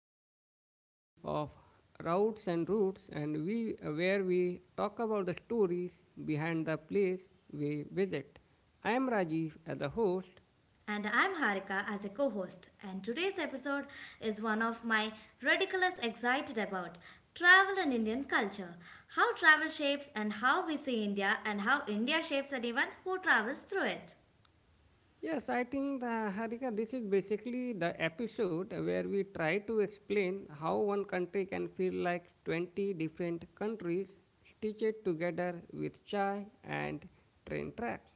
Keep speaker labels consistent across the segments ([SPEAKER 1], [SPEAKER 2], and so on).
[SPEAKER 1] another episode of Routes and Roots, and we where we talk about the stories behind the place we visit. I am Rajiv as a host.
[SPEAKER 2] And I'm Harika as a co host, and today's episode is one of my ridiculous excited about travel and Indian culture. How travel shapes and how we see India, and how India shapes anyone who travels through it.
[SPEAKER 1] Yes, I think Harika, this is basically the episode where we try to explain how one country can feel like 20 different countries stitched together with chai and train tracks.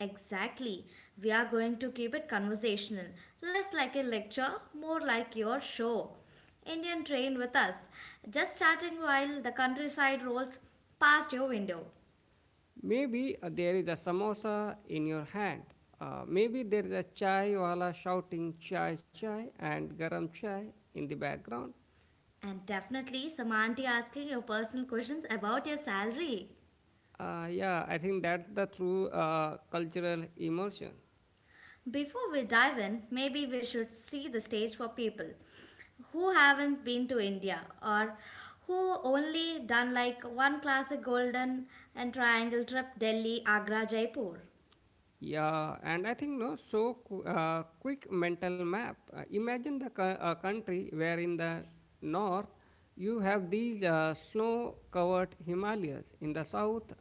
[SPEAKER 2] Exactly. We are going to keep it conversational, less like a lecture, more like your show. Indian train with us, just chatting while the countryside rolls past your window.
[SPEAKER 1] Maybe there is a samosa in your hand. Maybe there is a chai wala shouting chai chai and garam chai in the background.
[SPEAKER 2] And definitely some auntie asking your personal questions about your salary.
[SPEAKER 1] Yeah, I think that's the true cultural immersion.
[SPEAKER 2] Before we dive in, maybe we should see the stage for people who haven't been to India or who only done like one classic golden and triangle trip Delhi, Agra, Jaipur.
[SPEAKER 1] Yeah, and I think no, so quick mental map. Imagine the country where in the north you have these snow covered Himalayas; in the south,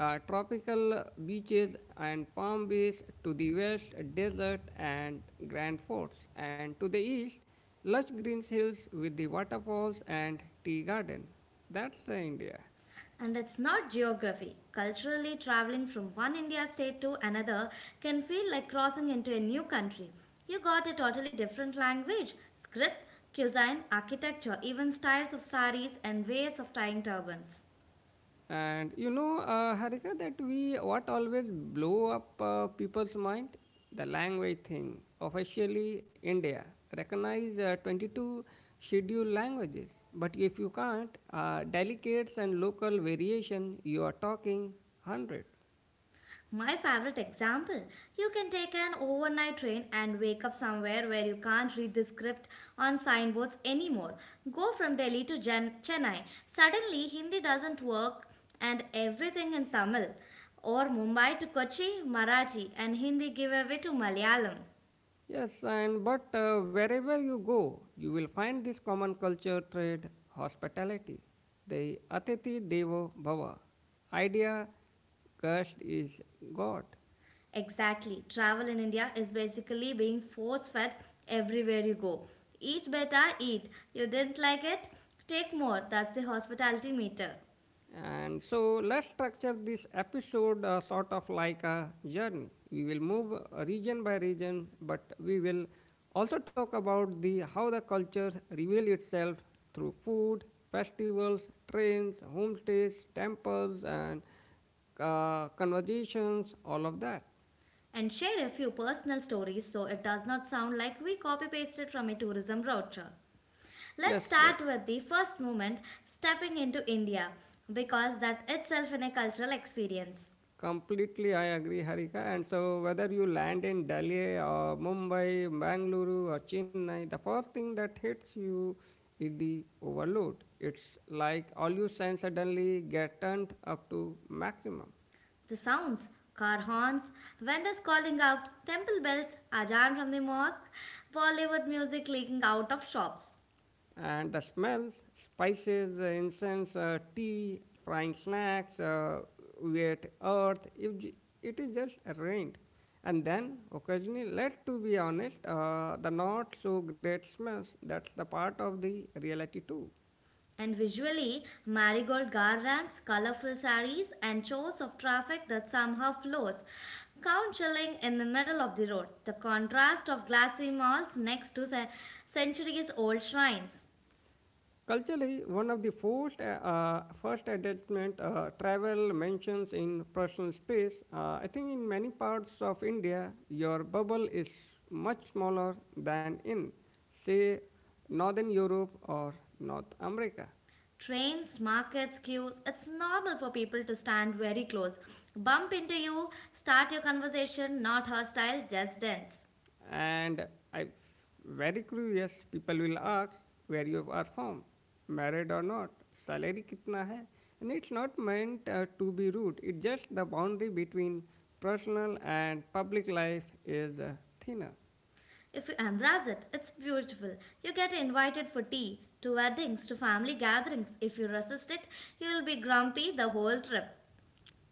[SPEAKER 1] tropical beaches and palm beaches; to the west, desert and grand forts; and to the east, lush green hills with the waterfalls and tea garden. That's the India.
[SPEAKER 2] And it's not geography. Culturally, traveling from one India state to another can feel like crossing into a new country. You got a totally different language, script, cuisine, architecture, even styles of saris and ways of tying turbans.
[SPEAKER 1] And you know, Harika, that we what always blow up people's mind, the language thing. Officially, India recognize 22 scheduled languages, but if you can't, delicates and local variation, you are talking hundreds.
[SPEAKER 2] My favorite example you can take an overnight train and wake up somewhere where you can't read the script on signboards anymore. Go from Delhi to Chennai. Suddenly, Hindi doesn't work and everything in Tamil. Or Mumbai to Kochi, Marathi, and Hindi give away to Malayalam.
[SPEAKER 1] Yes, and but wherever you go, you will find this common culture thread: hospitality, the Atithi Devo Bhava idea. Cursed is God.
[SPEAKER 2] Exactly. Travel in India is basically being force fed everywhere you go. Eat better, eat. You didn't like it? Take more. That's the hospitality meter.
[SPEAKER 1] And so let's structure this episode sort of like a journey. We will move region by region, but we will also talk about the how the cultures reveal itself through food, festivals, trains, homestays, temples, and conversations, all of that.
[SPEAKER 2] And shared a few personal stories so it does not sound like we copy pasted from a tourism roadshow. Let's
[SPEAKER 1] Yes, uh,
[SPEAKER 2] start with the first movement, stepping into India, because that itself is a cultural experience.
[SPEAKER 1] Completely, I agree, Harika. And so, whether you land in Delhi or Mumbai, Bangalore or Chennai, the first thing that hits you is the overload. It's like all your sense suddenly get turned up to maximum.
[SPEAKER 2] The sounds, car horns, vendors calling out, temple bells, ajan from the mosque, Bollywood music leaking out of shops.
[SPEAKER 1] And the smells, spices, incense, tea, frying snacks, wet earth, if it is just rained. And then occasionally, let to be honest, the not so great smells, that's the part of the reality too.
[SPEAKER 2] And visually, marigold garlands, colorful saris, and shows of traffic that somehow flows, counseling in the middle of the road. The contrast of glassy malls next to centuries old shrines.
[SPEAKER 1] Culturally, one of the first, first adjustment travel mentions in personal space, I think in many parts of India, your bubble is much smaller than in, say, Northern Europe or North America.
[SPEAKER 2] Trains, markets, queues, it's normal for people to stand very close. Bump into you, start your conversation, not hostile, just dense.
[SPEAKER 1] And I, very curious people will ask where you are from, married or not, salary kitna hai, and it's not meant to be rude. It's just the boundary between personal and public life is thinner.
[SPEAKER 2] If you embrace it, it's beautiful. You get invited for tea, to weddings, to family gatherings. If you resist it, you'll be grumpy the whole trip.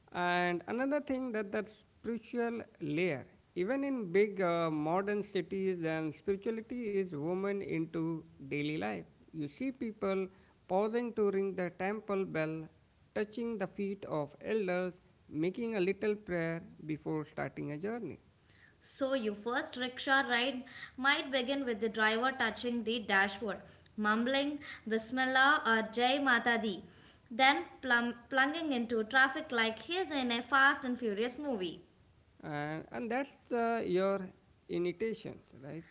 [SPEAKER 1] And another thing, that spiritual layer, even in big modern cities, then spirituality is woven into daily life. You see people pausing to ring the temple bell, touching the feet of elders, making a little prayer before starting a journey,
[SPEAKER 2] So, your first rickshaw ride might begin with the driver touching the dashboard, mumbling Bismillah or Jai Mata Di, then plunging into traffic like he's in a fast and furious movie.
[SPEAKER 1] and that's your initiations, right?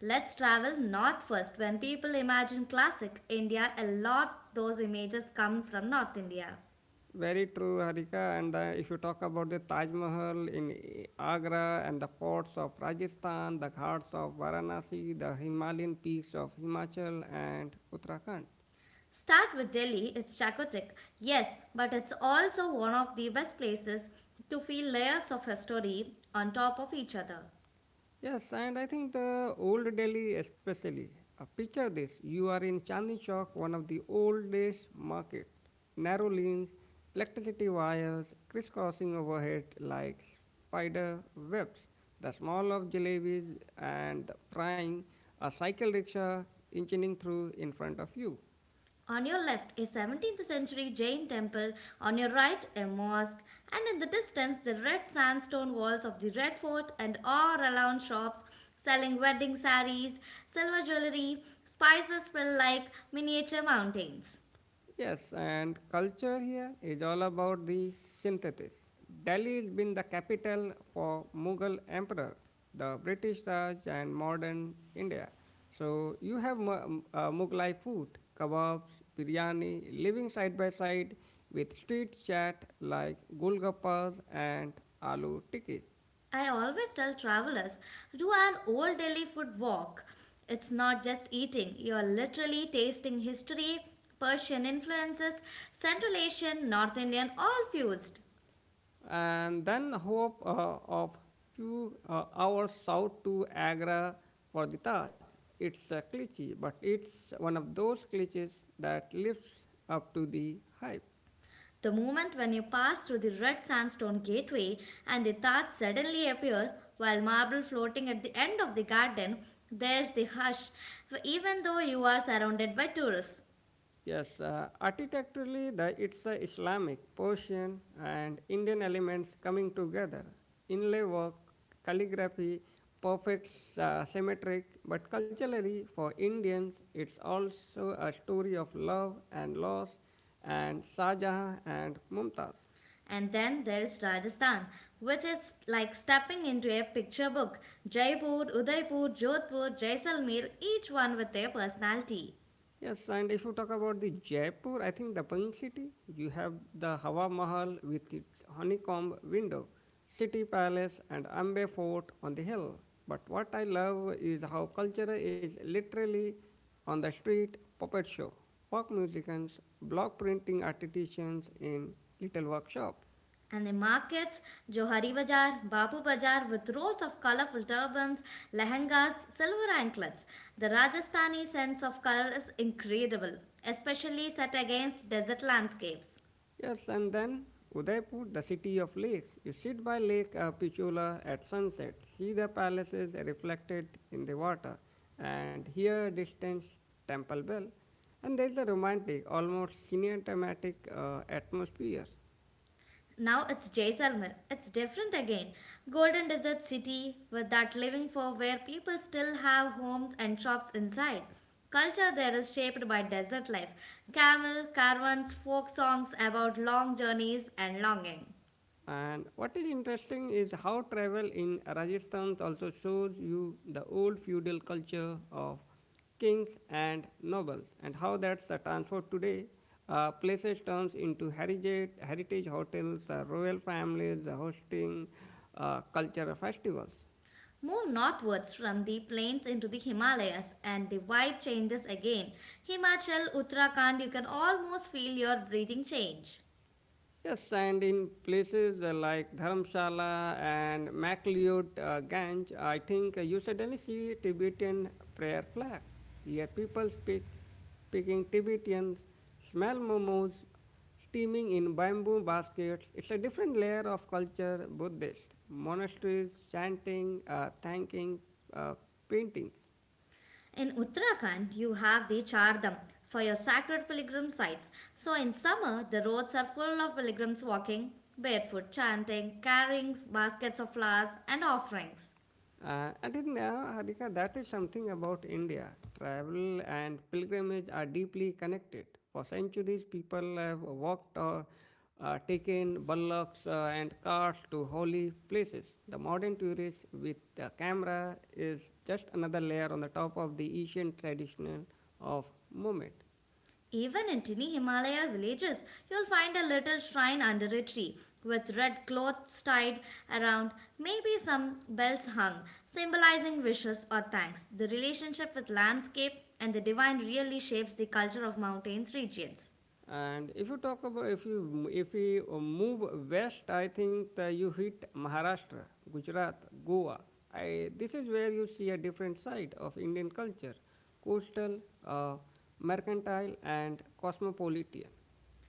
[SPEAKER 2] Let's travel north first. When people imagine classic India, a lot those images come from North India.
[SPEAKER 1] Very true, Harika. And if you talk about the Taj Mahal in Agra and the forts of Rajasthan, the ghats of Varanasi, the Himalayan peaks of Himachal and Uttarakhand.
[SPEAKER 2] Start with Delhi, it's Chakotik, yes, but it's also one of the best places to feel layers of history on top of each other.
[SPEAKER 1] Yes, and I think the old Delhi, especially. Picture this, you are in Chandni Chowk, one of the oldest market. Narrow lanes, electricity wires crisscrossing overhead like spider webs, the smell of jalebis and frying, a cycle rickshaw inching through in front of you.
[SPEAKER 2] On your left, a 17th century Jain temple, on your right, a mosque, and in the distance, the red sandstone walls of the Red Fort and all around shops selling wedding saris, silver jewelry, spices feel like miniature mountains.
[SPEAKER 1] Yes, and culture here is all about the synthesis. Delhi has been the capital for Mughal emperor, the British Raj, and modern India. So you have Mughlai food, kebabs, biryani, living side by side with street chat like golgappas and aloo tikki.
[SPEAKER 2] I always tell travelers do an old Delhi food walk. It's not just eating, you're literally tasting history, Persian influences, Central Asian, North Indian, all fused.
[SPEAKER 1] And then hope of few hours south to Agra for the Taj. It's a cliche, but it's one of those cliches that lives up to the hype.
[SPEAKER 2] The moment when you pass through the red sandstone gateway and the Taj suddenly appears, while marble floating at the end of the garden, there's the hush, even though you are surrounded by tourists.
[SPEAKER 1] Yes, architecturally, it's the Islamic, Persian, and Indian elements coming together. Inlay work, calligraphy, perfect, symmetric, but culturally, for Indians, it's also a story of love and loss, and Shah Jahan and Mumtaz.
[SPEAKER 2] And then there's Rajasthan, which is like stepping into a picture book. Jaipur, Udaipur, Jodhpur, Jaisalmer, each one with their personality.
[SPEAKER 1] Yes, and if you talk about the Jaipur, I think the Pink City, you have the Hawa Mahal with its honeycomb window, City Palace, and Ambe Fort on the hill. But what I love is how culture is literally on the street: puppet show, folk musicians, block printing artisans in little workshop.
[SPEAKER 2] And the markets, Johari Bazaar, Bapu Bazaar with rows of colorful turbans, lehengas, silver anklets. The Rajasthani sense of color is incredible, especially set against desert landscapes.
[SPEAKER 1] Yes, and then Udaipur, the city of lakes. You sit by Lake Pichula at sunset, see the palaces reflected in the water, and hear distant temple bell. And there is a romantic, almost cinematic atmosphere.
[SPEAKER 2] Now it's Jaisalmer. It's different again. Golden desert city with that living for where people still have homes and shops inside. Culture there is shaped by desert life. Camel, caravans, folk songs about long journeys and longing.
[SPEAKER 1] And what is interesting is how travel in Rajasthan also shows you the old feudal culture of kings and nobles and how that's the transferred today. Places turns into heritage, heritage hotels, royal families, hosting cultural festivals.
[SPEAKER 2] Move northwards from the plains into the Himalayas and the vibe changes again. Himachal, Uttarakhand, you can almost feel your breathing change.
[SPEAKER 1] Yes, and in places like Dharamshala and MacLeod Ganj, I think you suddenly see Tibetan prayer flags. Here speaking Tibetans, smell momos, steaming in bamboo baskets. It's a different layer of culture, Buddhist, monasteries, chanting, thanking, uh, paintings.
[SPEAKER 2] In Uttarakhand, you have the Chardham for your sacred pilgrim sites. So in summer, the roads are full of pilgrims walking barefoot, chanting, carrying baskets of flowers and offerings.
[SPEAKER 1] And in Harika, that is something about India. Travel and pilgrimage are deeply connected. For centuries, people have walked or taken bullocks and carts to holy places. The modern tourist with the camera is just another layer on the top of the Asian traditional of movement.
[SPEAKER 2] Even in tiny Himalaya villages, you'll find a little shrine under a tree with red cloths tied around, maybe some bells hung, symbolizing wishes or thanks. The relationship with landscape and the divine really shapes the culture of mountains regions.
[SPEAKER 1] And if you talk about, if you if we move west, I think that you hit Maharashtra, Gujarat, Goa. I, this is where you see a different side of Indian culture: coastal, uh, mercantile, and cosmopolitan.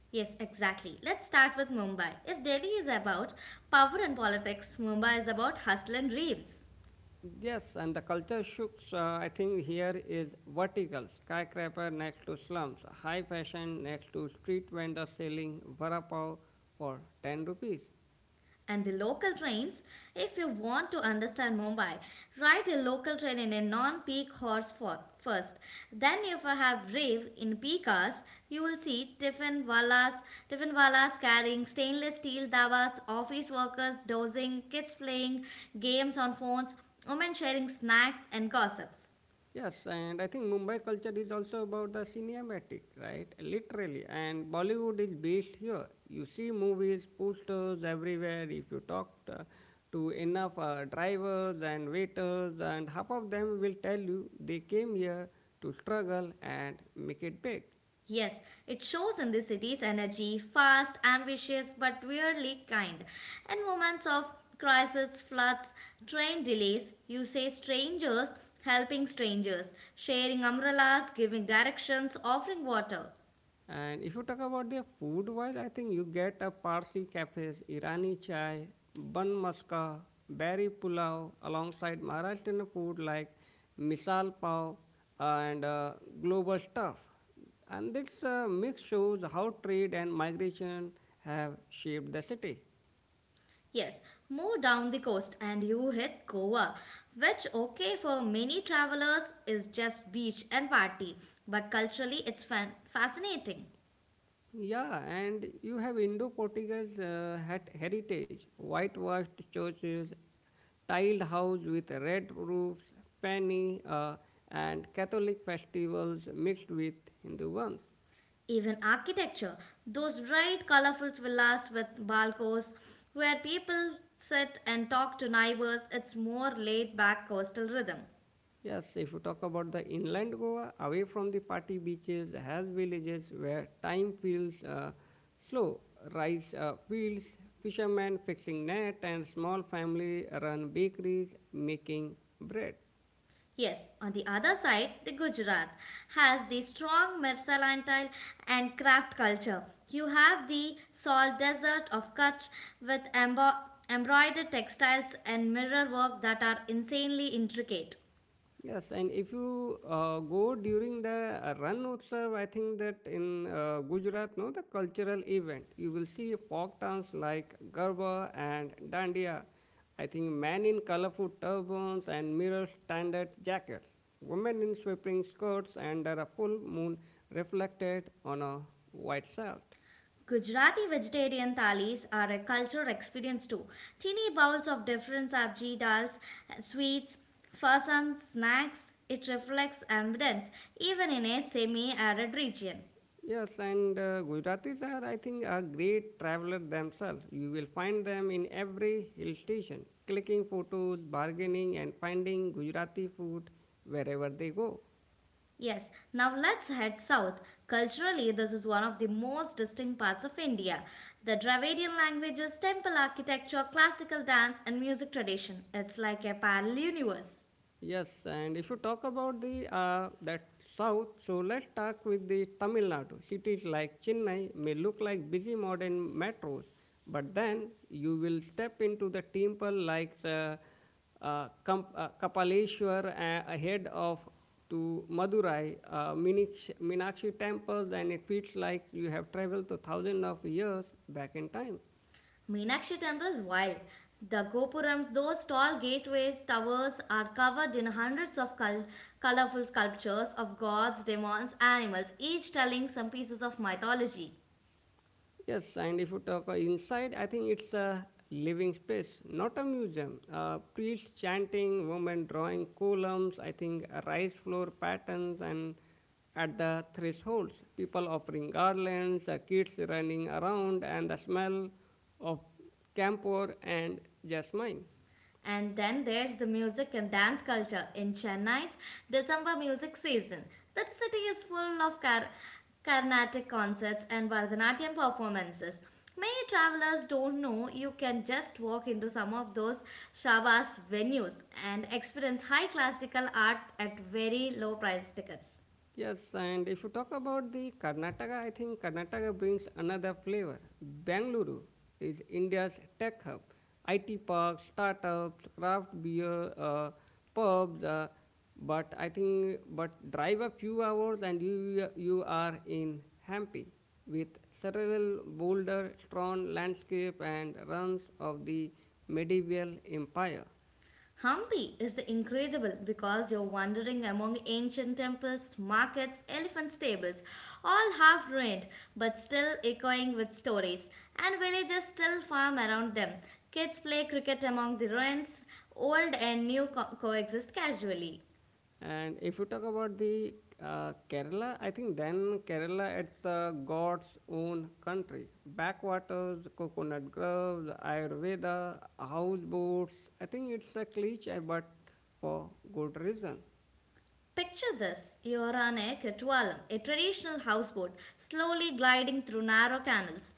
[SPEAKER 2] Yes, exactly. Let's start with Mumbai. If Delhi is about power and politics, Mumbai is about hustle and dreams.
[SPEAKER 1] Yes, and the culture shifts. I think here is vertical skyscraper next to slums, high fashion next to street vendors selling vada pav for ten rupees.
[SPEAKER 2] And the local trains, if you want to understand Mumbai, ride a local train in a non peak horse for, first. Then, if you have rave in peak hours, you will see tiffin wallas carrying stainless steel davas, office workers dozing, kids playing games on phones, women sharing snacks and gossips.
[SPEAKER 1] Yes, and I think Mumbai culture is also about the cinematic, right? Literally, and Bollywood is based here. You see movies, posters everywhere. If you talk to enough drivers and waiters, and half of them will tell you they came here to struggle and make it big.
[SPEAKER 2] Yes, it shows in the city's energy, fast, ambitious, but weirdly kind. In moments of crisis, floods, train delays, you say strangers helping strangers, sharing umbrellas, giving directions, offering water.
[SPEAKER 1] And if you talk about their food wise, I think you get a Parsi cafes, Irani chai, bun maska, berry pulao, alongside Maharashtrian food like misal pav and global stuff. And this mix shows how trade and migration have shaped the city.
[SPEAKER 2] Yes, move down the coast and you hit Goa, which, okay, for many travelers is just beach and party, but culturally it's fascinating.
[SPEAKER 1] Yeah, and you have Indo-Portuguese hat heritage, whitewashed churches, tiled house with red roofs, fanny, and Catholic festivals mixed with Hindu ones.
[SPEAKER 2] Even architecture, those bright, colorful villas with balconies where people sit and talk to neighbors, it's more laid back coastal rhythm.
[SPEAKER 1] Yes, if you talk about the inland Goa, away from the party beaches, has villages where time feels slow, rice fields, fishermen fixing net, and small family run bakeries making bread.
[SPEAKER 2] Yes, on the other side, the Gujarat has the strong mercantile and craft culture. You have the salt desert of Kutch with embroidered textiles and mirror work that are insanely intricate.
[SPEAKER 1] Yes, and if you go during the Ran Utsav, I think that in Gujarat, no, the cultural event, you will see folk dance like Garba and Dandiya. I think men in colorful turbans and mirror standard jackets, women in sweeping skirts under a full moon reflected on a white salt.
[SPEAKER 2] Gujarati vegetarian thalis are a cultural experience too. Teeny bowls of different sabji dals, sweets, farsan, snacks. It reflects abundance even in a semi-arid region.
[SPEAKER 1] Yes, and Gujaratis are, I think, a great traveler themselves. You will find them in every hill station, clicking photos, bargaining, and finding Gujarati food wherever they go.
[SPEAKER 2] Yes, now let's head south. Culturally, this is one of the most distinct parts of India. The Dravidian languages, temple architecture, classical dance, and music tradition. It's like a parallel universe.
[SPEAKER 1] Yes, and if you talk about the that south, so let's talk with the Tamil Nadu. Cities like Chennai may look like busy modern metros, but then you will step into the temple like the Kapaleshwar ahead of to Madurai, Meenakshi temples, and it feels like you have traveled to thousands of years back in time.
[SPEAKER 2] Meenakshi temple is wild. The gopurams, those tall gateways, towers, are covered in hundreds of colorful sculptures of gods, demons, animals, each telling some pieces of mythology.
[SPEAKER 1] Yes, and if you talk inside, I think it's a living space, not a museum. Priests chanting, women drawing columns, I think rice floor patterns, and at the thresholds, people offering garlands, kids running around, and the smell of camphor and jasmine.
[SPEAKER 2] And then there's the music and dance culture in Chennai's December music season. The city is full of Carnatic concerts and Bharatanatyam performances. Many travelers don't know you can just walk into some of those Shabas venues and experience high classical art at very low price tickets.
[SPEAKER 1] Yes, and if you talk about the Karnataka, I think Karnataka brings another flavor. Bangalore is India's tech hub. IT parks, startups, craft beer, pubs, but I think but drive a few hours and you are in Hampi with several boulder, strong landscape and ruins of the medieval empire.
[SPEAKER 2] Hampi is incredible because you're wandering among ancient temples, markets, elephant stables, all half ruined but still echoing with stories, and villages still farm around them. Kids play cricket among the ruins, old and new coexist casually.
[SPEAKER 1] And if you talk about the Kerala, I think then Kerala it's the God's own country. Backwaters, coconut groves, Ayurveda, houseboats. I think it's a cliche, but for good reason.
[SPEAKER 2] Picture this you're on a Ketwalam, a traditional houseboat, slowly gliding through narrow canals.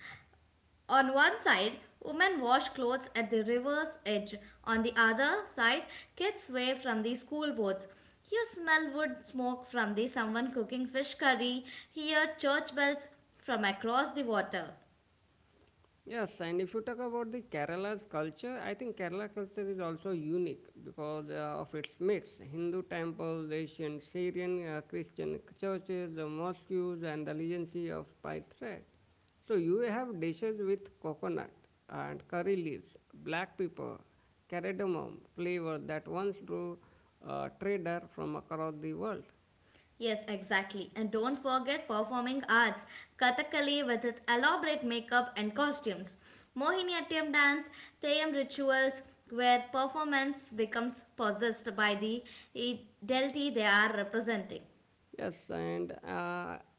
[SPEAKER 2] On one side, women wash clothes at the river's edge. On the other side, kids wave from the school boats. You smell wood smoke from the someone cooking fish curry, hear church bells from across the water.
[SPEAKER 1] Yes, and if you talk about the Kerala's culture, I think Kerala culture is also unique because of its mix: Hindu temples, Asian, Syrian, Christian churches, the mosques, and the legacy of spice thread. So you have dishes with coconut and curry leaves, black pepper, cardamom flavor that once drew trader from across the world.
[SPEAKER 2] Yes, exactly. And don't forget performing arts, Kathakali with its elaborate makeup and costumes, Mohiniyattam dance, Theyam rituals, where performance becomes possessed by the eh, deity they are representing.
[SPEAKER 1] Yes, and uh,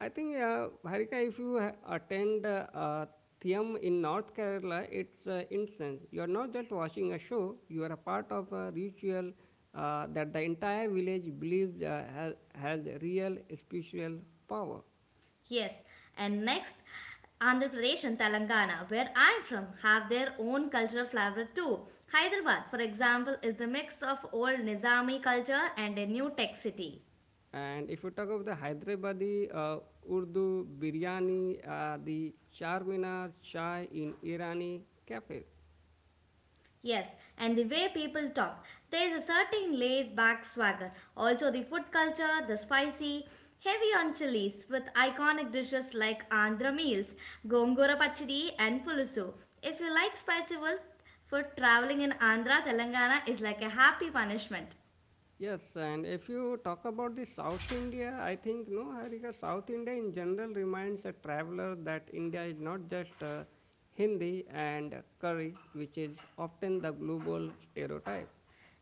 [SPEAKER 1] I think, uh, Harika, if you ha- attend Thiam in North Kerala, it's incense. You are not just watching a show, you are a part of a ritual that the entire village believes has real spiritual power.
[SPEAKER 2] Yes, and next, Andhra Pradesh and Telangana, where I'm from, have their own cultural flavor too. Hyderabad, for example, is the mix of old Nizami culture and a new tech city.
[SPEAKER 1] And if you talk of the Hyderabadi Urdu biryani, the Charminar chai in Irani cafe.
[SPEAKER 2] Yes, and the way people talk, there is a certain laid back swagger. Also, the food culture, the spicy, heavy on chilies with iconic dishes like Andhra meals, Gongura Pachidi, and Pulusu. If you like spicy food, for traveling in Andhra, Telangana is like a happy punishment.
[SPEAKER 1] Yes, and if you talk about the South India, I think no, Harika, South India in general reminds a traveler that India is not just Hindi and curry, which is often the global stereotype.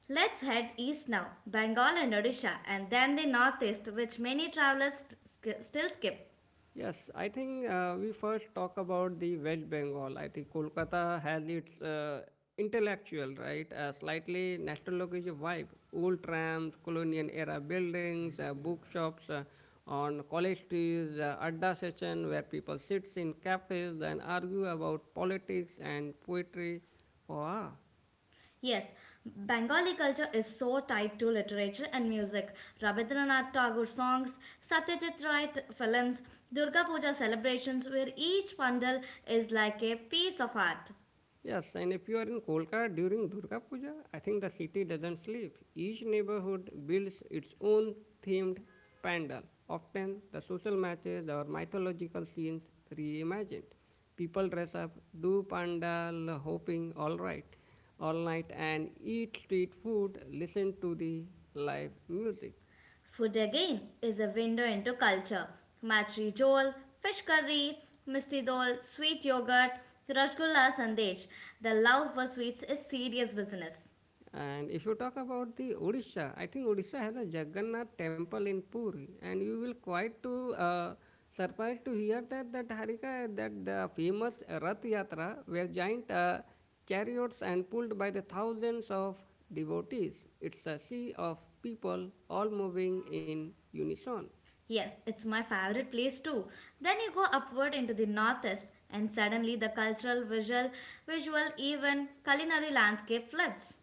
[SPEAKER 2] Let's head east now, Bengal and Odisha, and then the northeast, which many travelers still skip.
[SPEAKER 1] Yes, I think we first talk about the West Bengal. I think Kolkata has its intellectual, right, slightly nostalgic vibe. Old trams, colonial era buildings, bookshops on college streets, adda session where people sit in cafes and argue about politics and poetry for hours.
[SPEAKER 2] Yes, Bengali culture is so tied to literature and music. Rabindranath Tagore songs, Satyajit Ray films, Durga Puja celebrations, where each pandal is like a piece of art.
[SPEAKER 1] Yes, and if you are in Kolkata during Durga Puja, I think the city doesn't sleep. Each neighborhood builds its own themed pandal. Often, the social matches or mythological scenes reimagined. People dress up, do pandal hopping all right, all night, and eat street food, listen to the live music.
[SPEAKER 2] Food again is a window into culture. Matri jol, fish curry, misti dol, sweet yogurt, rasgulla sandesh. The love for sweets is serious business.
[SPEAKER 1] And if you talk about the Odisha, I think Odisha has a Jagannath temple in Puri, and you will quite to surprised to hear that, Harika, that the famous Rath Yatra were giant chariots and pulled by the thousands of devotees. It's a sea of people all moving in unison.
[SPEAKER 2] Yes, it's my favorite place too. Then you go upward into the northeast and suddenly the cultural, visual, even culinary landscape flips.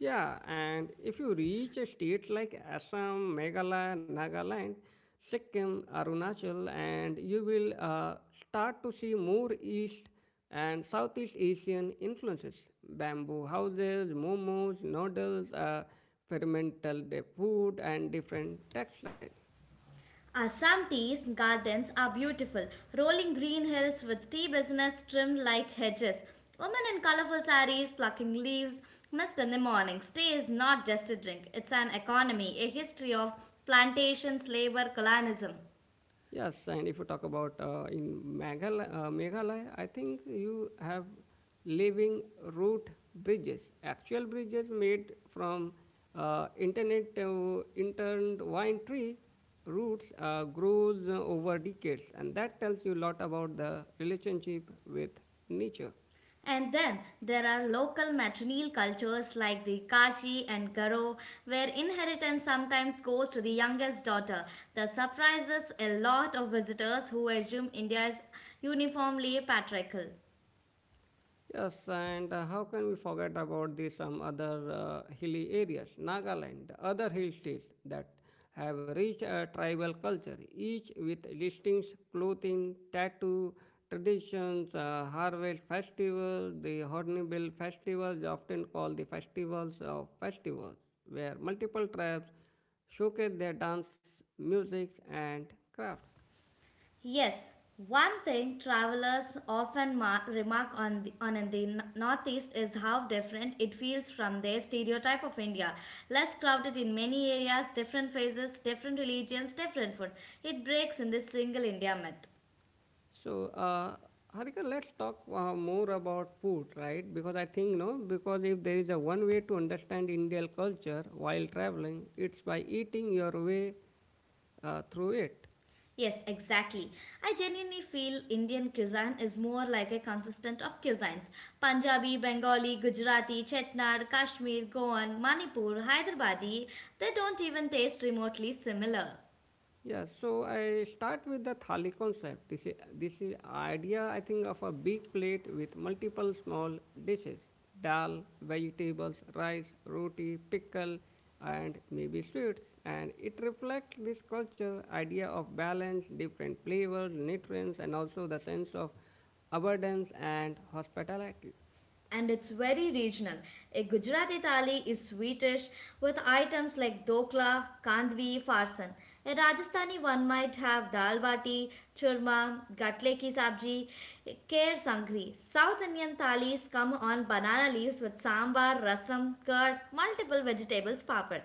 [SPEAKER 1] Yeah, and if you reach a state like Assam, Meghalaya, Nagaland, Sikkim, Arunachal, and you will start to see more East and Southeast Asian influences. Bamboo houses, momos, noodles, fermental food, and different textiles.
[SPEAKER 2] Assam tea's gardens are beautiful, rolling green hills with tea business trimmed like hedges. Women in colorful saris plucking leaves mist in the mornings. Tea is not just a drink, it's an economy, a history of plantations, labor, colonialism.
[SPEAKER 1] Yes, and if you talk about in Meghalaya, Meghalaya, I think you have living root bridges, actual bridges made from internet to intertwined tree roots grows over decades, and that tells you a lot about the relationship with nature.
[SPEAKER 2] And then there are local matrilineal cultures like the Kachi and Garo, where inheritance sometimes goes to the youngest daughter. This surprises a lot of visitors who assume India is uniformly patriarchal.
[SPEAKER 1] Yes, and how can we forget about the some other hilly areas, Nagaland, other hill states that have rich tribal culture, each with distinct clothing, tattoo traditions, harvest festivals, the Hornbill festivals, often called the festivals of festivals, where multiple tribes showcase their dance, music, and crafts.
[SPEAKER 2] Yes, one thing travelers often remark on in the northeast is how different it feels from their stereotype of India. Less crowded in many areas, different phases, different religions, different food. It breaks in this single India myth.
[SPEAKER 1] So, Harika, let's talk more about food, right? Because I think, no, because if there is a one way to understand Indian culture while traveling, it's by eating your way through it.
[SPEAKER 2] Yes, exactly. I genuinely feel Indian cuisine is more like a consistent of cuisines. Punjabi, Bengali, Gujarati, Chetnad, Kashmir, Goan, Manipur, Hyderabadi, they don't even taste remotely similar.
[SPEAKER 1] Yeah, so I start with the thali concept. This is idea I think of a big plate with multiple small dishes: dal, vegetables, rice, roti, pickle, and maybe sweets. And it reflects this culture idea of balance, different flavors, nutrients, and also the sense of abundance and hospitality.
[SPEAKER 2] And it's very regional. A Gujarati thali is sweetish with items like dokla, kandvi, farsan. A Rajasthani one might have dal bati, churma, gatle ki sabji, kher sangri. South Indian thalis come on banana leaves with sambar, rasam, curd, multiple vegetables, papad.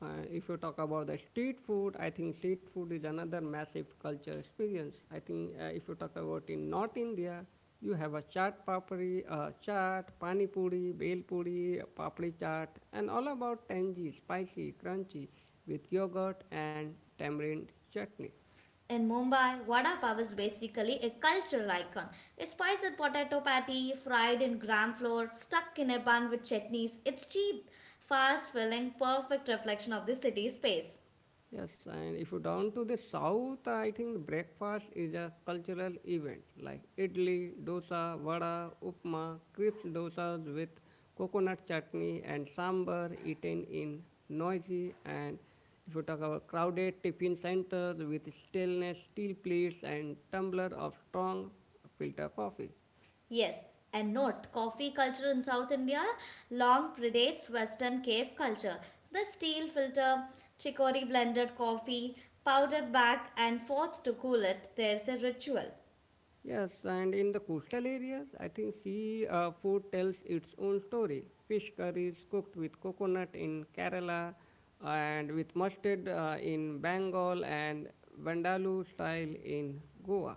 [SPEAKER 1] And if you talk about the street food, I think street food is another massive culture experience. I think if you talk about in North India, you have a chaat papri, chaat, pani puri, bhel puri, papri chaat, and all about tangy, spicy, crunchy with yogurt and tamarind chutney.
[SPEAKER 2] In Mumbai, vada pav is basically a cultural icon. A spiced potato patty, fried in gram flour, stuck in a bun with chutneys. It's cheap, fast filling, perfect reflection of the city space.
[SPEAKER 1] Yes, and if you down to the south, I think breakfast is a cultural event like idli, dosa, vada, upma, crisp dosas with coconut chutney and sambar eaten in noisy and if you talk about crowded tiffin centers with stainless steel plates and tumbler of strong filter coffee.
[SPEAKER 2] Yes, and note, coffee culture in South India long predates Western cave culture. The steel filter, chicory blended coffee, powdered back and forth to cool it, there's a ritual.
[SPEAKER 1] Yes, and in the coastal areas, I think sea food tells its own story. Fish curries cooked with coconut in Kerala and with mustard in Bengal and Vandalu style in Goa.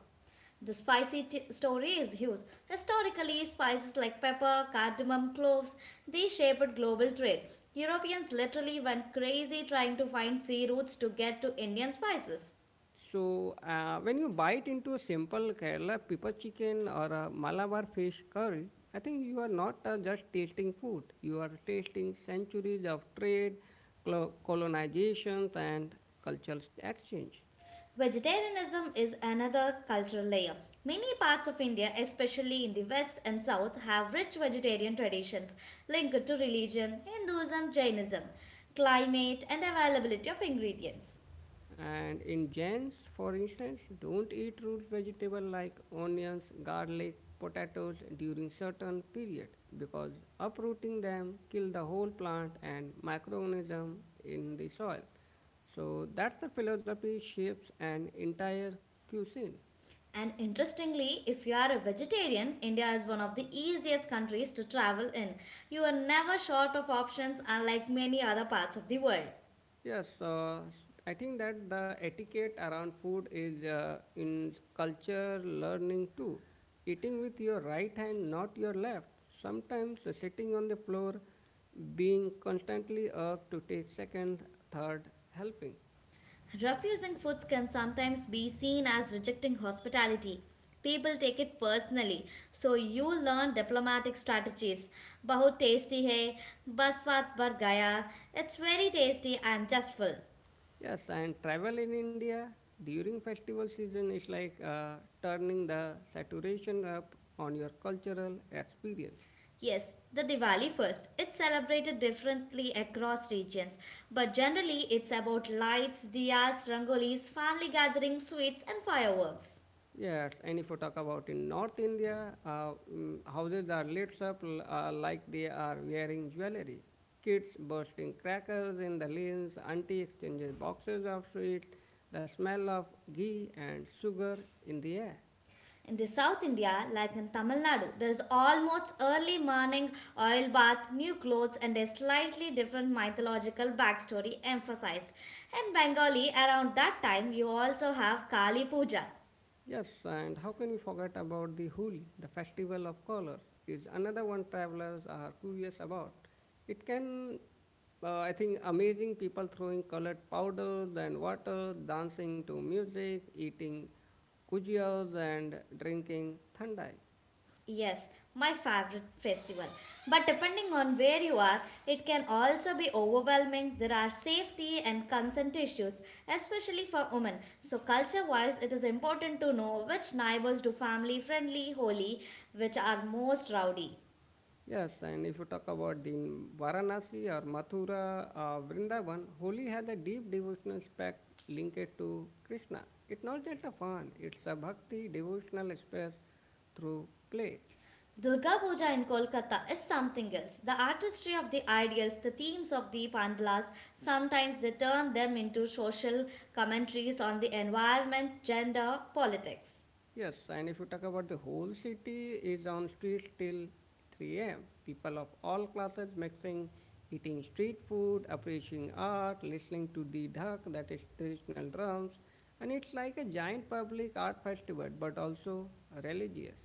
[SPEAKER 2] The spicy story is huge. Historically, spices like pepper, cardamom, cloves, they shaped global trade. Europeans literally went crazy trying to find sea routes to get to Indian spices.
[SPEAKER 1] So, when you bite into a simple Kerala pepper chicken or a Malabar fish curry, I think you are not just tasting food, you are tasting centuries of trade, colonizations, and cultural exchange.
[SPEAKER 2] Vegetarianism is another cultural layer. Many parts of India, especially in the west and south, have rich vegetarian traditions linked to religion, Hinduism, Jainism, climate, and availability of ingredients.
[SPEAKER 1] And in Jains, for instance, don't eat root vegetable like onions, garlic, potatoes during certain period because uprooting them kill the whole plant and microorganism in the soil. So that's the philosophy shapes an entire cuisine.
[SPEAKER 2] And interestingly, if you are a vegetarian, India is one of the easiest countries to travel in. You are never short of options, unlike many other parts of the world.
[SPEAKER 1] Yes, I think that the etiquette around food is in culture learning too. Eating with your right hand, not your left. Sometimes sitting on the floor, being constantly urged to take second, third helping.
[SPEAKER 2] Refusing foods can sometimes be seen as rejecting hospitality. People take it personally, so you learn diplomatic strategies. Bahut tasty hai, bas baat bar gaya. It's very tasty, I'm just full.
[SPEAKER 1] Yes, and travel in India during festival season is like turning the saturation up on your cultural experience.
[SPEAKER 2] Yes, the Diwali first. It's celebrated differently across regions, but generally it's about lights, diyas, rangolis, family gatherings, sweets, and fireworks.
[SPEAKER 1] Yes, and if you talk about in North India, houses are lit up like they are wearing jewelry. Kids bursting crackers in the lanes, auntie exchanges boxes of sweets, the smell of ghee and sugar in the air.
[SPEAKER 2] In the South India, like in Tamil Nadu, there is almost early morning oil bath, new clothes, and a slightly different mythological backstory emphasized. In Bengali, around that time, you also have Kali Puja.
[SPEAKER 1] Yes, and how can we forget about the Holi, the festival of colors, is another one travelers are curious about. It can, I think, amazing people throwing colored powders and water, dancing to music, eating kujias and drinking thandai.
[SPEAKER 2] Yes, my favorite festival. But depending on where you are, it can also be overwhelming. There are safety and consent issues, especially for women. So, culture wise, it is important to know which neighbors do family friendly Holi, which are most rowdy.
[SPEAKER 1] Yes, and if you talk about the Varanasi or Mathura, or Vrindavan, Holi has a deep devotional aspect linked to Krishna. It's not just a fun; it's a bhakti devotional express through play.
[SPEAKER 2] Durga Puja in Kolkata is something else. The artistry of the ideals, the themes of the pandalas, sometimes they turn them into social commentaries on the environment, gender, politics.
[SPEAKER 1] Yes, and if you talk about the whole city is on streets till 3 a.m. People of all classes mixing, eating street food, appreciating art, listening to the dhak, that is traditional drums, and it's like a giant public art festival, but also religious.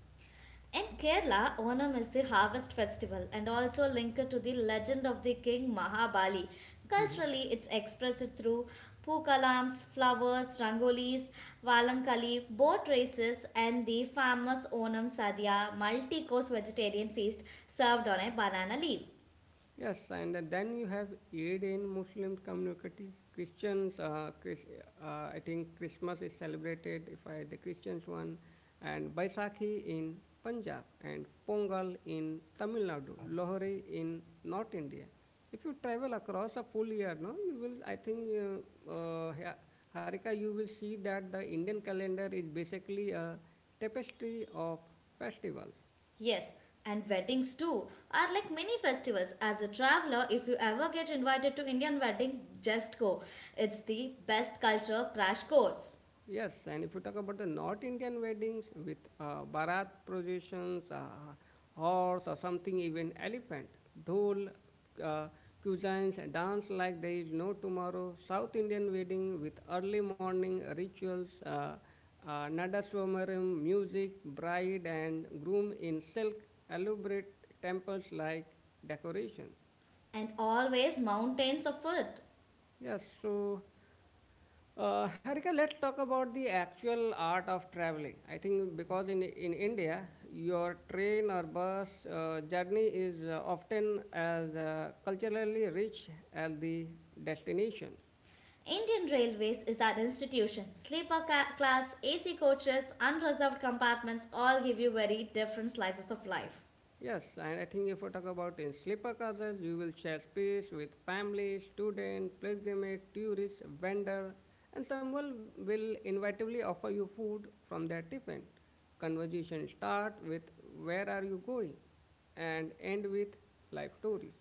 [SPEAKER 2] In Kerala, Onam is the harvest festival and also linked to the legend of the king Mahabali. Culturally, it's expressed through pukalams, flowers, rangolis, valamkali, boat races, and the famous Onam Sadhya multi course vegetarian feast served on a banana leaf.
[SPEAKER 1] Yes, and then you have Eid in Muslim communities. I think Christmas is celebrated if I the Christians one, and Baisakhi in Punjab, and Pongal in Tamil Nadu, Lohri in North India. If you travel across a full year, no, you will. I think, yeah, Harika, you will see that the Indian calendar is basically a tapestry of festivals.
[SPEAKER 2] Yes, and weddings too are like mini festivals. As a traveler, if you ever get invited to Indian wedding, just go. It's the best culture crash course.
[SPEAKER 1] Yes, and if you talk about the North Indian weddings with barat processions, horse or something, even elephant, dhol, uh, cuisines, and dance like there is no tomorrow. South Indian wedding with early morning rituals, nadaswamaram, music, bride and groom in silk, elaborate temples like decorations.
[SPEAKER 2] And always mountains of food.
[SPEAKER 1] Yes, so Harika, let's talk about the actual art of traveling. I think because in India, your train or bus journey is often as culturally rich as the destination.
[SPEAKER 2] Indian Railways is an institution. Sleeper class, AC coaches, unreserved compartments all give you very different slices of life.
[SPEAKER 1] Yes, and I think if we talk about in sleeper classes, you will share space with family, student, pilgrimage, tourist, vendor, and someone will inevitably offer you food from their tiffin. Conversation start with where are you going and end with life stories.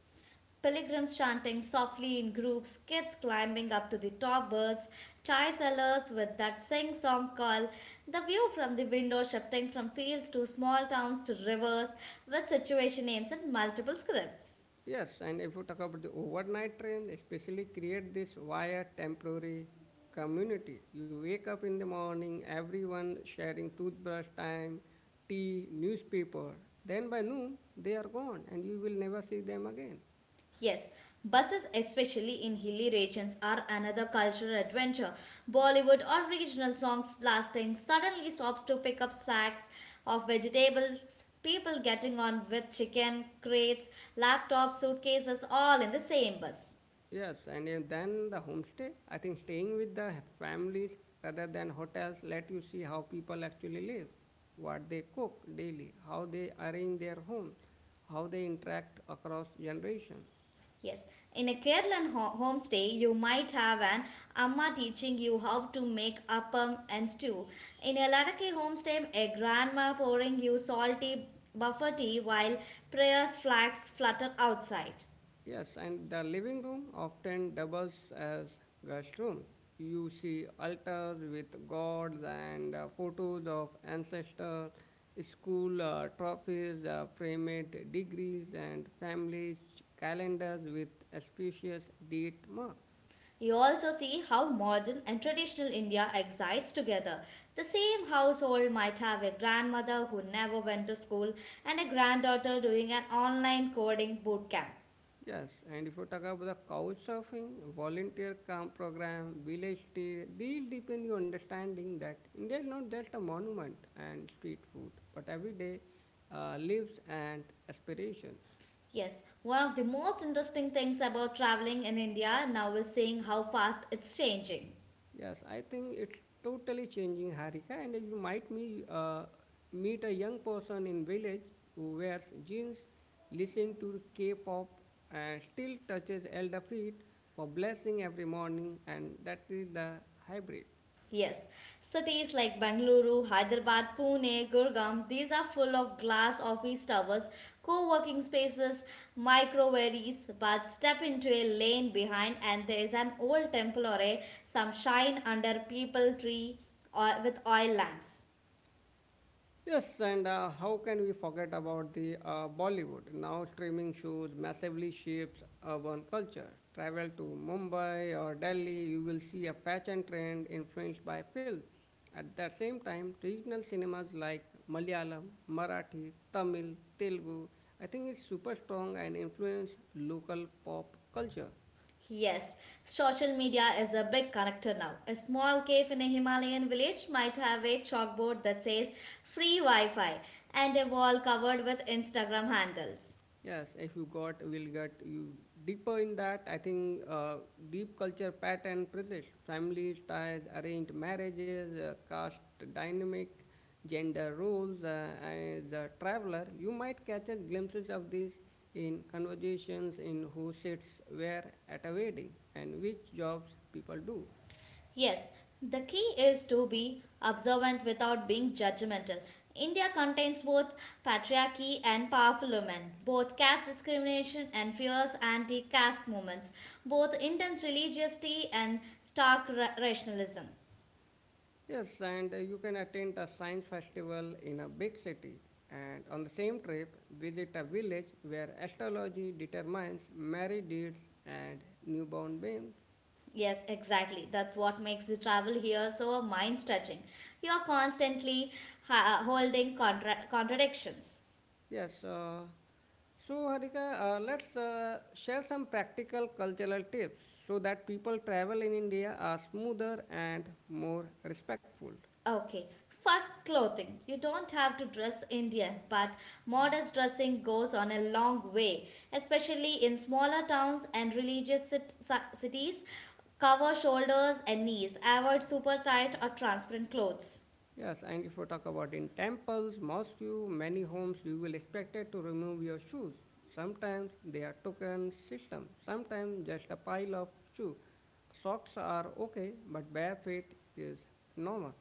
[SPEAKER 2] Pilgrims chanting softly in groups, kids climbing up to the top berths, chai sellers with that sing song call, the view from the window shifting from fields to small towns to rivers with situation names in multiple scripts.
[SPEAKER 1] Yes, and if you talk about the overnight trains, especially create this via temporary community. You wake up in the morning, everyone sharing toothbrush time, tea, newspaper. Then by noon, they are gone and you will never see them again.
[SPEAKER 2] Yes, buses, especially in hilly regions, are another cultural adventure. Bollywood or regional songs blasting suddenly stops to pick up sacks of vegetables, people getting on with chicken, crates, laptops, suitcases, all in the same bus.
[SPEAKER 1] Yes, and then the homestay. I think staying with the families rather than hotels let you see how people actually live, what they cook daily, how they arrange their homes, how they interact across generations.
[SPEAKER 2] Yes, in a Kerala homestay, you might have an amma teaching you how to make appam and stew. In a Ladakhi homestay, a grandma pouring you salty buffer tea while prayers flags flutter outside.
[SPEAKER 1] Yes, and the living room often doubles as guest room. You see altars with gods and photos of ancestors, school trophies, framed degrees, and family calendars with auspicious date marks.
[SPEAKER 2] You also see how modern and traditional India excites together. The same household might have a grandmother who never went to school and a granddaughter doing an online coding boot camp.
[SPEAKER 1] Yes, and if you talk about the couchsurfing, volunteer camp program, village stay, these deepen your understanding that India is not just a monument and street food, but everyday lives and aspirations.
[SPEAKER 2] Yes, one of the most interesting things about traveling in India now is seeing how fast it's changing.
[SPEAKER 1] Yes, I think it's totally changing Harika, and you might meet a young person in village who wears jeans, listen to K-pop, and still touches elder feet for blessing every morning, and that is the hybrid.
[SPEAKER 2] Yes, cities like Bengaluru, Hyderabad, Pune, Gurgaon, these are full of glass office towers, co working spaces, microwaves, but step into a lane behind and there is an old temple or a some shrine under people tree or with oil lamps.
[SPEAKER 1] Yes, and how can we forget about the Bollywood? Now streaming shows massively shapes urban culture. Travel to Mumbai or Delhi, you will see a fashion trend influenced by films. At the same time, regional cinemas like Malayalam, Marathi, Tamil, Telugu, I think it's super strong and influence local pop culture.
[SPEAKER 2] Yes, social media is a big connector now. A small cave in a Himalayan village might have a chalkboard that says free Wi Fi and a wall covered with Instagram handles.
[SPEAKER 1] Yes, if you got, will get you deeper in that. I think deep culture pattern presents family ties, arranged marriages, caste dynamic, gender roles, and the traveler. You might catch a glimpses of this in conversations in who sits where at a wedding and which jobs people do.
[SPEAKER 2] Yes, the key is to be observant without being judgmental. India contains both patriarchy and powerful women, both caste discrimination and fierce anti caste movements, both intense religiosity and stark rationalism.
[SPEAKER 1] Yes, and you can attend a science festival in a big city and on the same trip visit a village where astrology determines married dates and newborn babies.
[SPEAKER 2] Yes, exactly. That's what makes the travel here so mind stretching. You're constantly holding contradictions.
[SPEAKER 1] Yes, so Harika, let's share some practical cultural tips so that people travel in India are smoother and more respectful.
[SPEAKER 2] Okay, first clothing. You don't have to dress Indian, but modest dressing goes on a long way, especially in smaller towns and religious cities. Cover shoulders and knees. Avoid super tight or transparent clothes.
[SPEAKER 1] Yes, and if we talk about in temples, mosques, many homes, you will expected to remove your shoes. Sometimes they are token system, sometimes just a pile of shoe. Socks are okay, but bare feet is normal.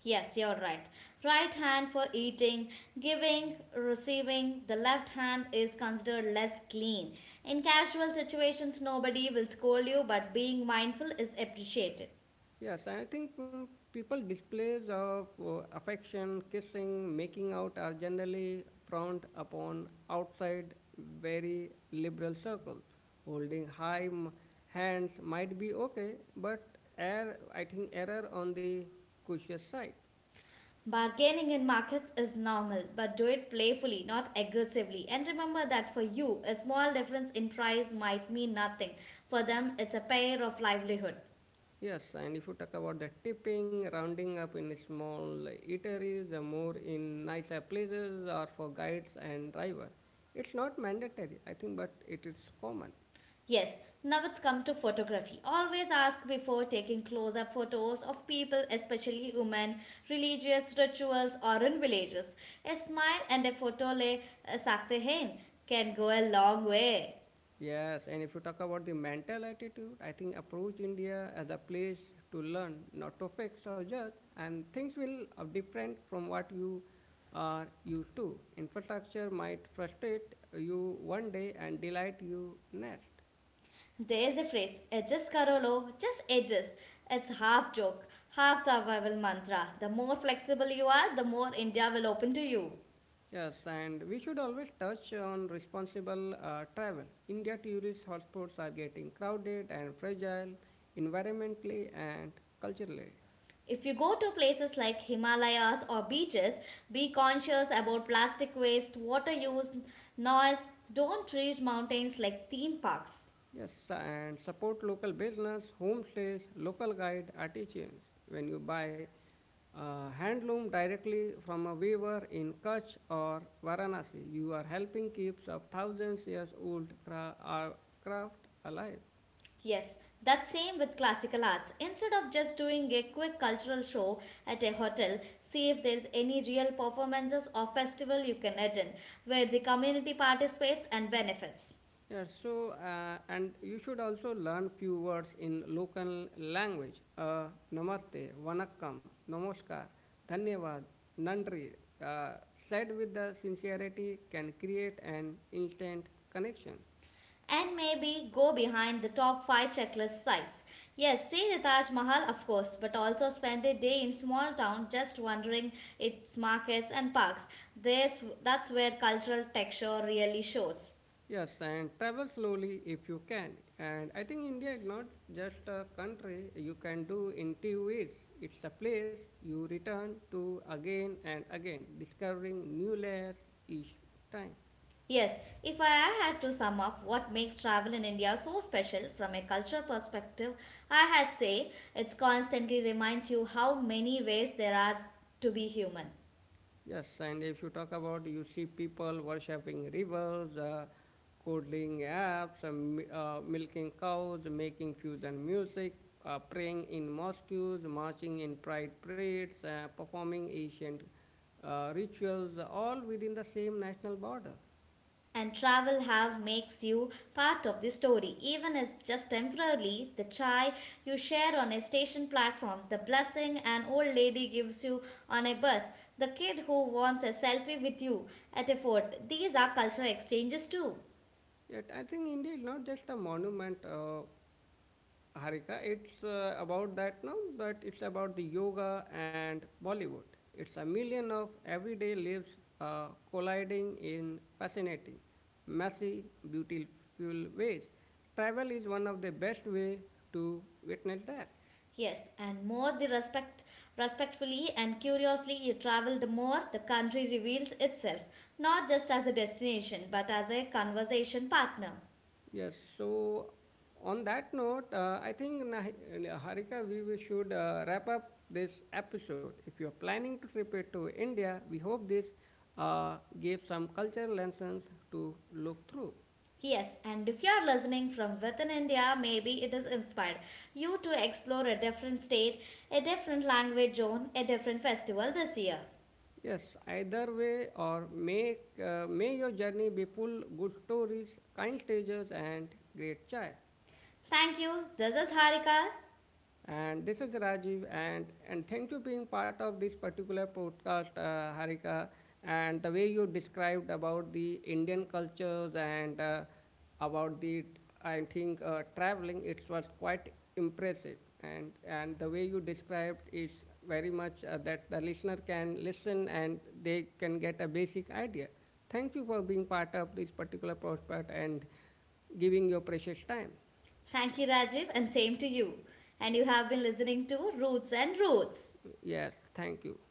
[SPEAKER 2] Yes, you're right. Right hand for eating, giving, receiving. The left hand is considered less clean. In casual situations, nobody will scold you, but being mindful is appreciated.
[SPEAKER 1] Yes, I think people displays of affection, kissing, making out are generally frowned upon outside very liberal circles. Holding high hands might be okay, but I think error on the cautious side.
[SPEAKER 2] Bargaining in markets is normal, but do it playfully, not aggressively. And remember that for you, a small difference in price might mean nothing. For them, it's a pair of livelihood.
[SPEAKER 1] Yes, and if you talk about the tipping, rounding up in small eateries, the more in nicer places, or for guides and driver, it's not mandatory, I think, but it is common.
[SPEAKER 2] Yes, now it's come to photography. Always ask before taking close up photos of people, especially women, religious rituals, or in villages. A smile and a photo le sakte hain can go a long way.
[SPEAKER 1] Yes, and if you talk about the mental attitude, I think approach India as a place to learn, not to fix or judge, and things will are different from what you are used to. Infrastructure might frustrate you one day and delight you next.
[SPEAKER 2] There is a phrase, adjust karo lo, just adjust. It's half joke, half survival mantra. The more flexible you are, the more India will open to you.
[SPEAKER 1] Yes, and we should always touch on responsible travel. India tourist hotspots are getting crowded and fragile environmentally and culturally.
[SPEAKER 2] If you go to places like Himalayas or beaches, be conscious about plastic waste, water use, noise. Don't treat mountains like theme parks.
[SPEAKER 1] Yes, and support local business, homestays, local guide, artisans. When you buy handloom directly from a weaver in Kutch or Varanasi, you are helping keep of thousands years old craft alive.
[SPEAKER 2] Yes, that same with classical arts. Instead of just doing a quick cultural show at a hotel, see if there's any real performances or festival you can attend where the community participates and benefits.
[SPEAKER 1] Yeah, so and you should also learn few words in local language. Namaste, vanakkam, namaskar, dhanyavad, nandri, uh, said with the sincerity can create an instant connection.
[SPEAKER 2] And maybe go behind the top 5 checklist sites. Yes, see the Taj Mahal, of course, but also spend a day in small town just wandering its markets and parks. That's where cultural texture really shows.
[SPEAKER 1] Yes, and travel slowly if you can. And I think India is not just a country you can do in two weeks. It's a place you return to again and again, discovering new layers each time.
[SPEAKER 2] Yes, if I had to sum up what makes travel in India so special from a cultural perspective, I had say it constantly reminds you how many ways there are to be human.
[SPEAKER 1] Yes, and if you talk about, you see people worshipping rivers, coding apps, milking cows, making fusion music, praying in mosques, marching in pride parades, performing ancient rituals, all within the same national border.
[SPEAKER 2] And travel have makes you part of the story, even as just temporarily, the chai you share on a station platform, the blessing an old lady gives you on a bus, the kid who wants a selfie with you at a fort, these are cultural exchanges too.
[SPEAKER 1] Yet, I think India is not just a monument. Harika, it's about that now, but it's about the yoga and Bollywood. It's a million of everyday lives colliding in fascinating, messy, beautiful ways. Travel is one of the best way to witness that.
[SPEAKER 2] Yes, and more the respect, respectfully and curiously you travel, the more the country reveals itself, not just as a destination but as a conversation partner.
[SPEAKER 1] Yes. So on that note, I think Harika, we should wrap up this episode. If you're planning to trip to India, we hope this gave some cultural lessons to look through.
[SPEAKER 2] Yes, and if you are listening from within India, maybe it is inspired you to explore a different state, a different language zone, a different festival this year.
[SPEAKER 1] Yes, either way, or make may your journey be full good stories, kind strangers, and great chai.
[SPEAKER 2] Thank you. This is Harika.
[SPEAKER 1] And this is Rajiv, and thank you being part of this particular podcast, Harika. And the way you described about the Indian cultures and about the, I think traveling, it was quite impressive. And the way you described is very much that the listener can listen and they can get a basic idea. Thank you for being part of this particular podcast and giving your precious time.
[SPEAKER 2] Thank you, Rajiv, and same to you. And you have been listening to Roots and Roots.
[SPEAKER 1] Yes, thank you.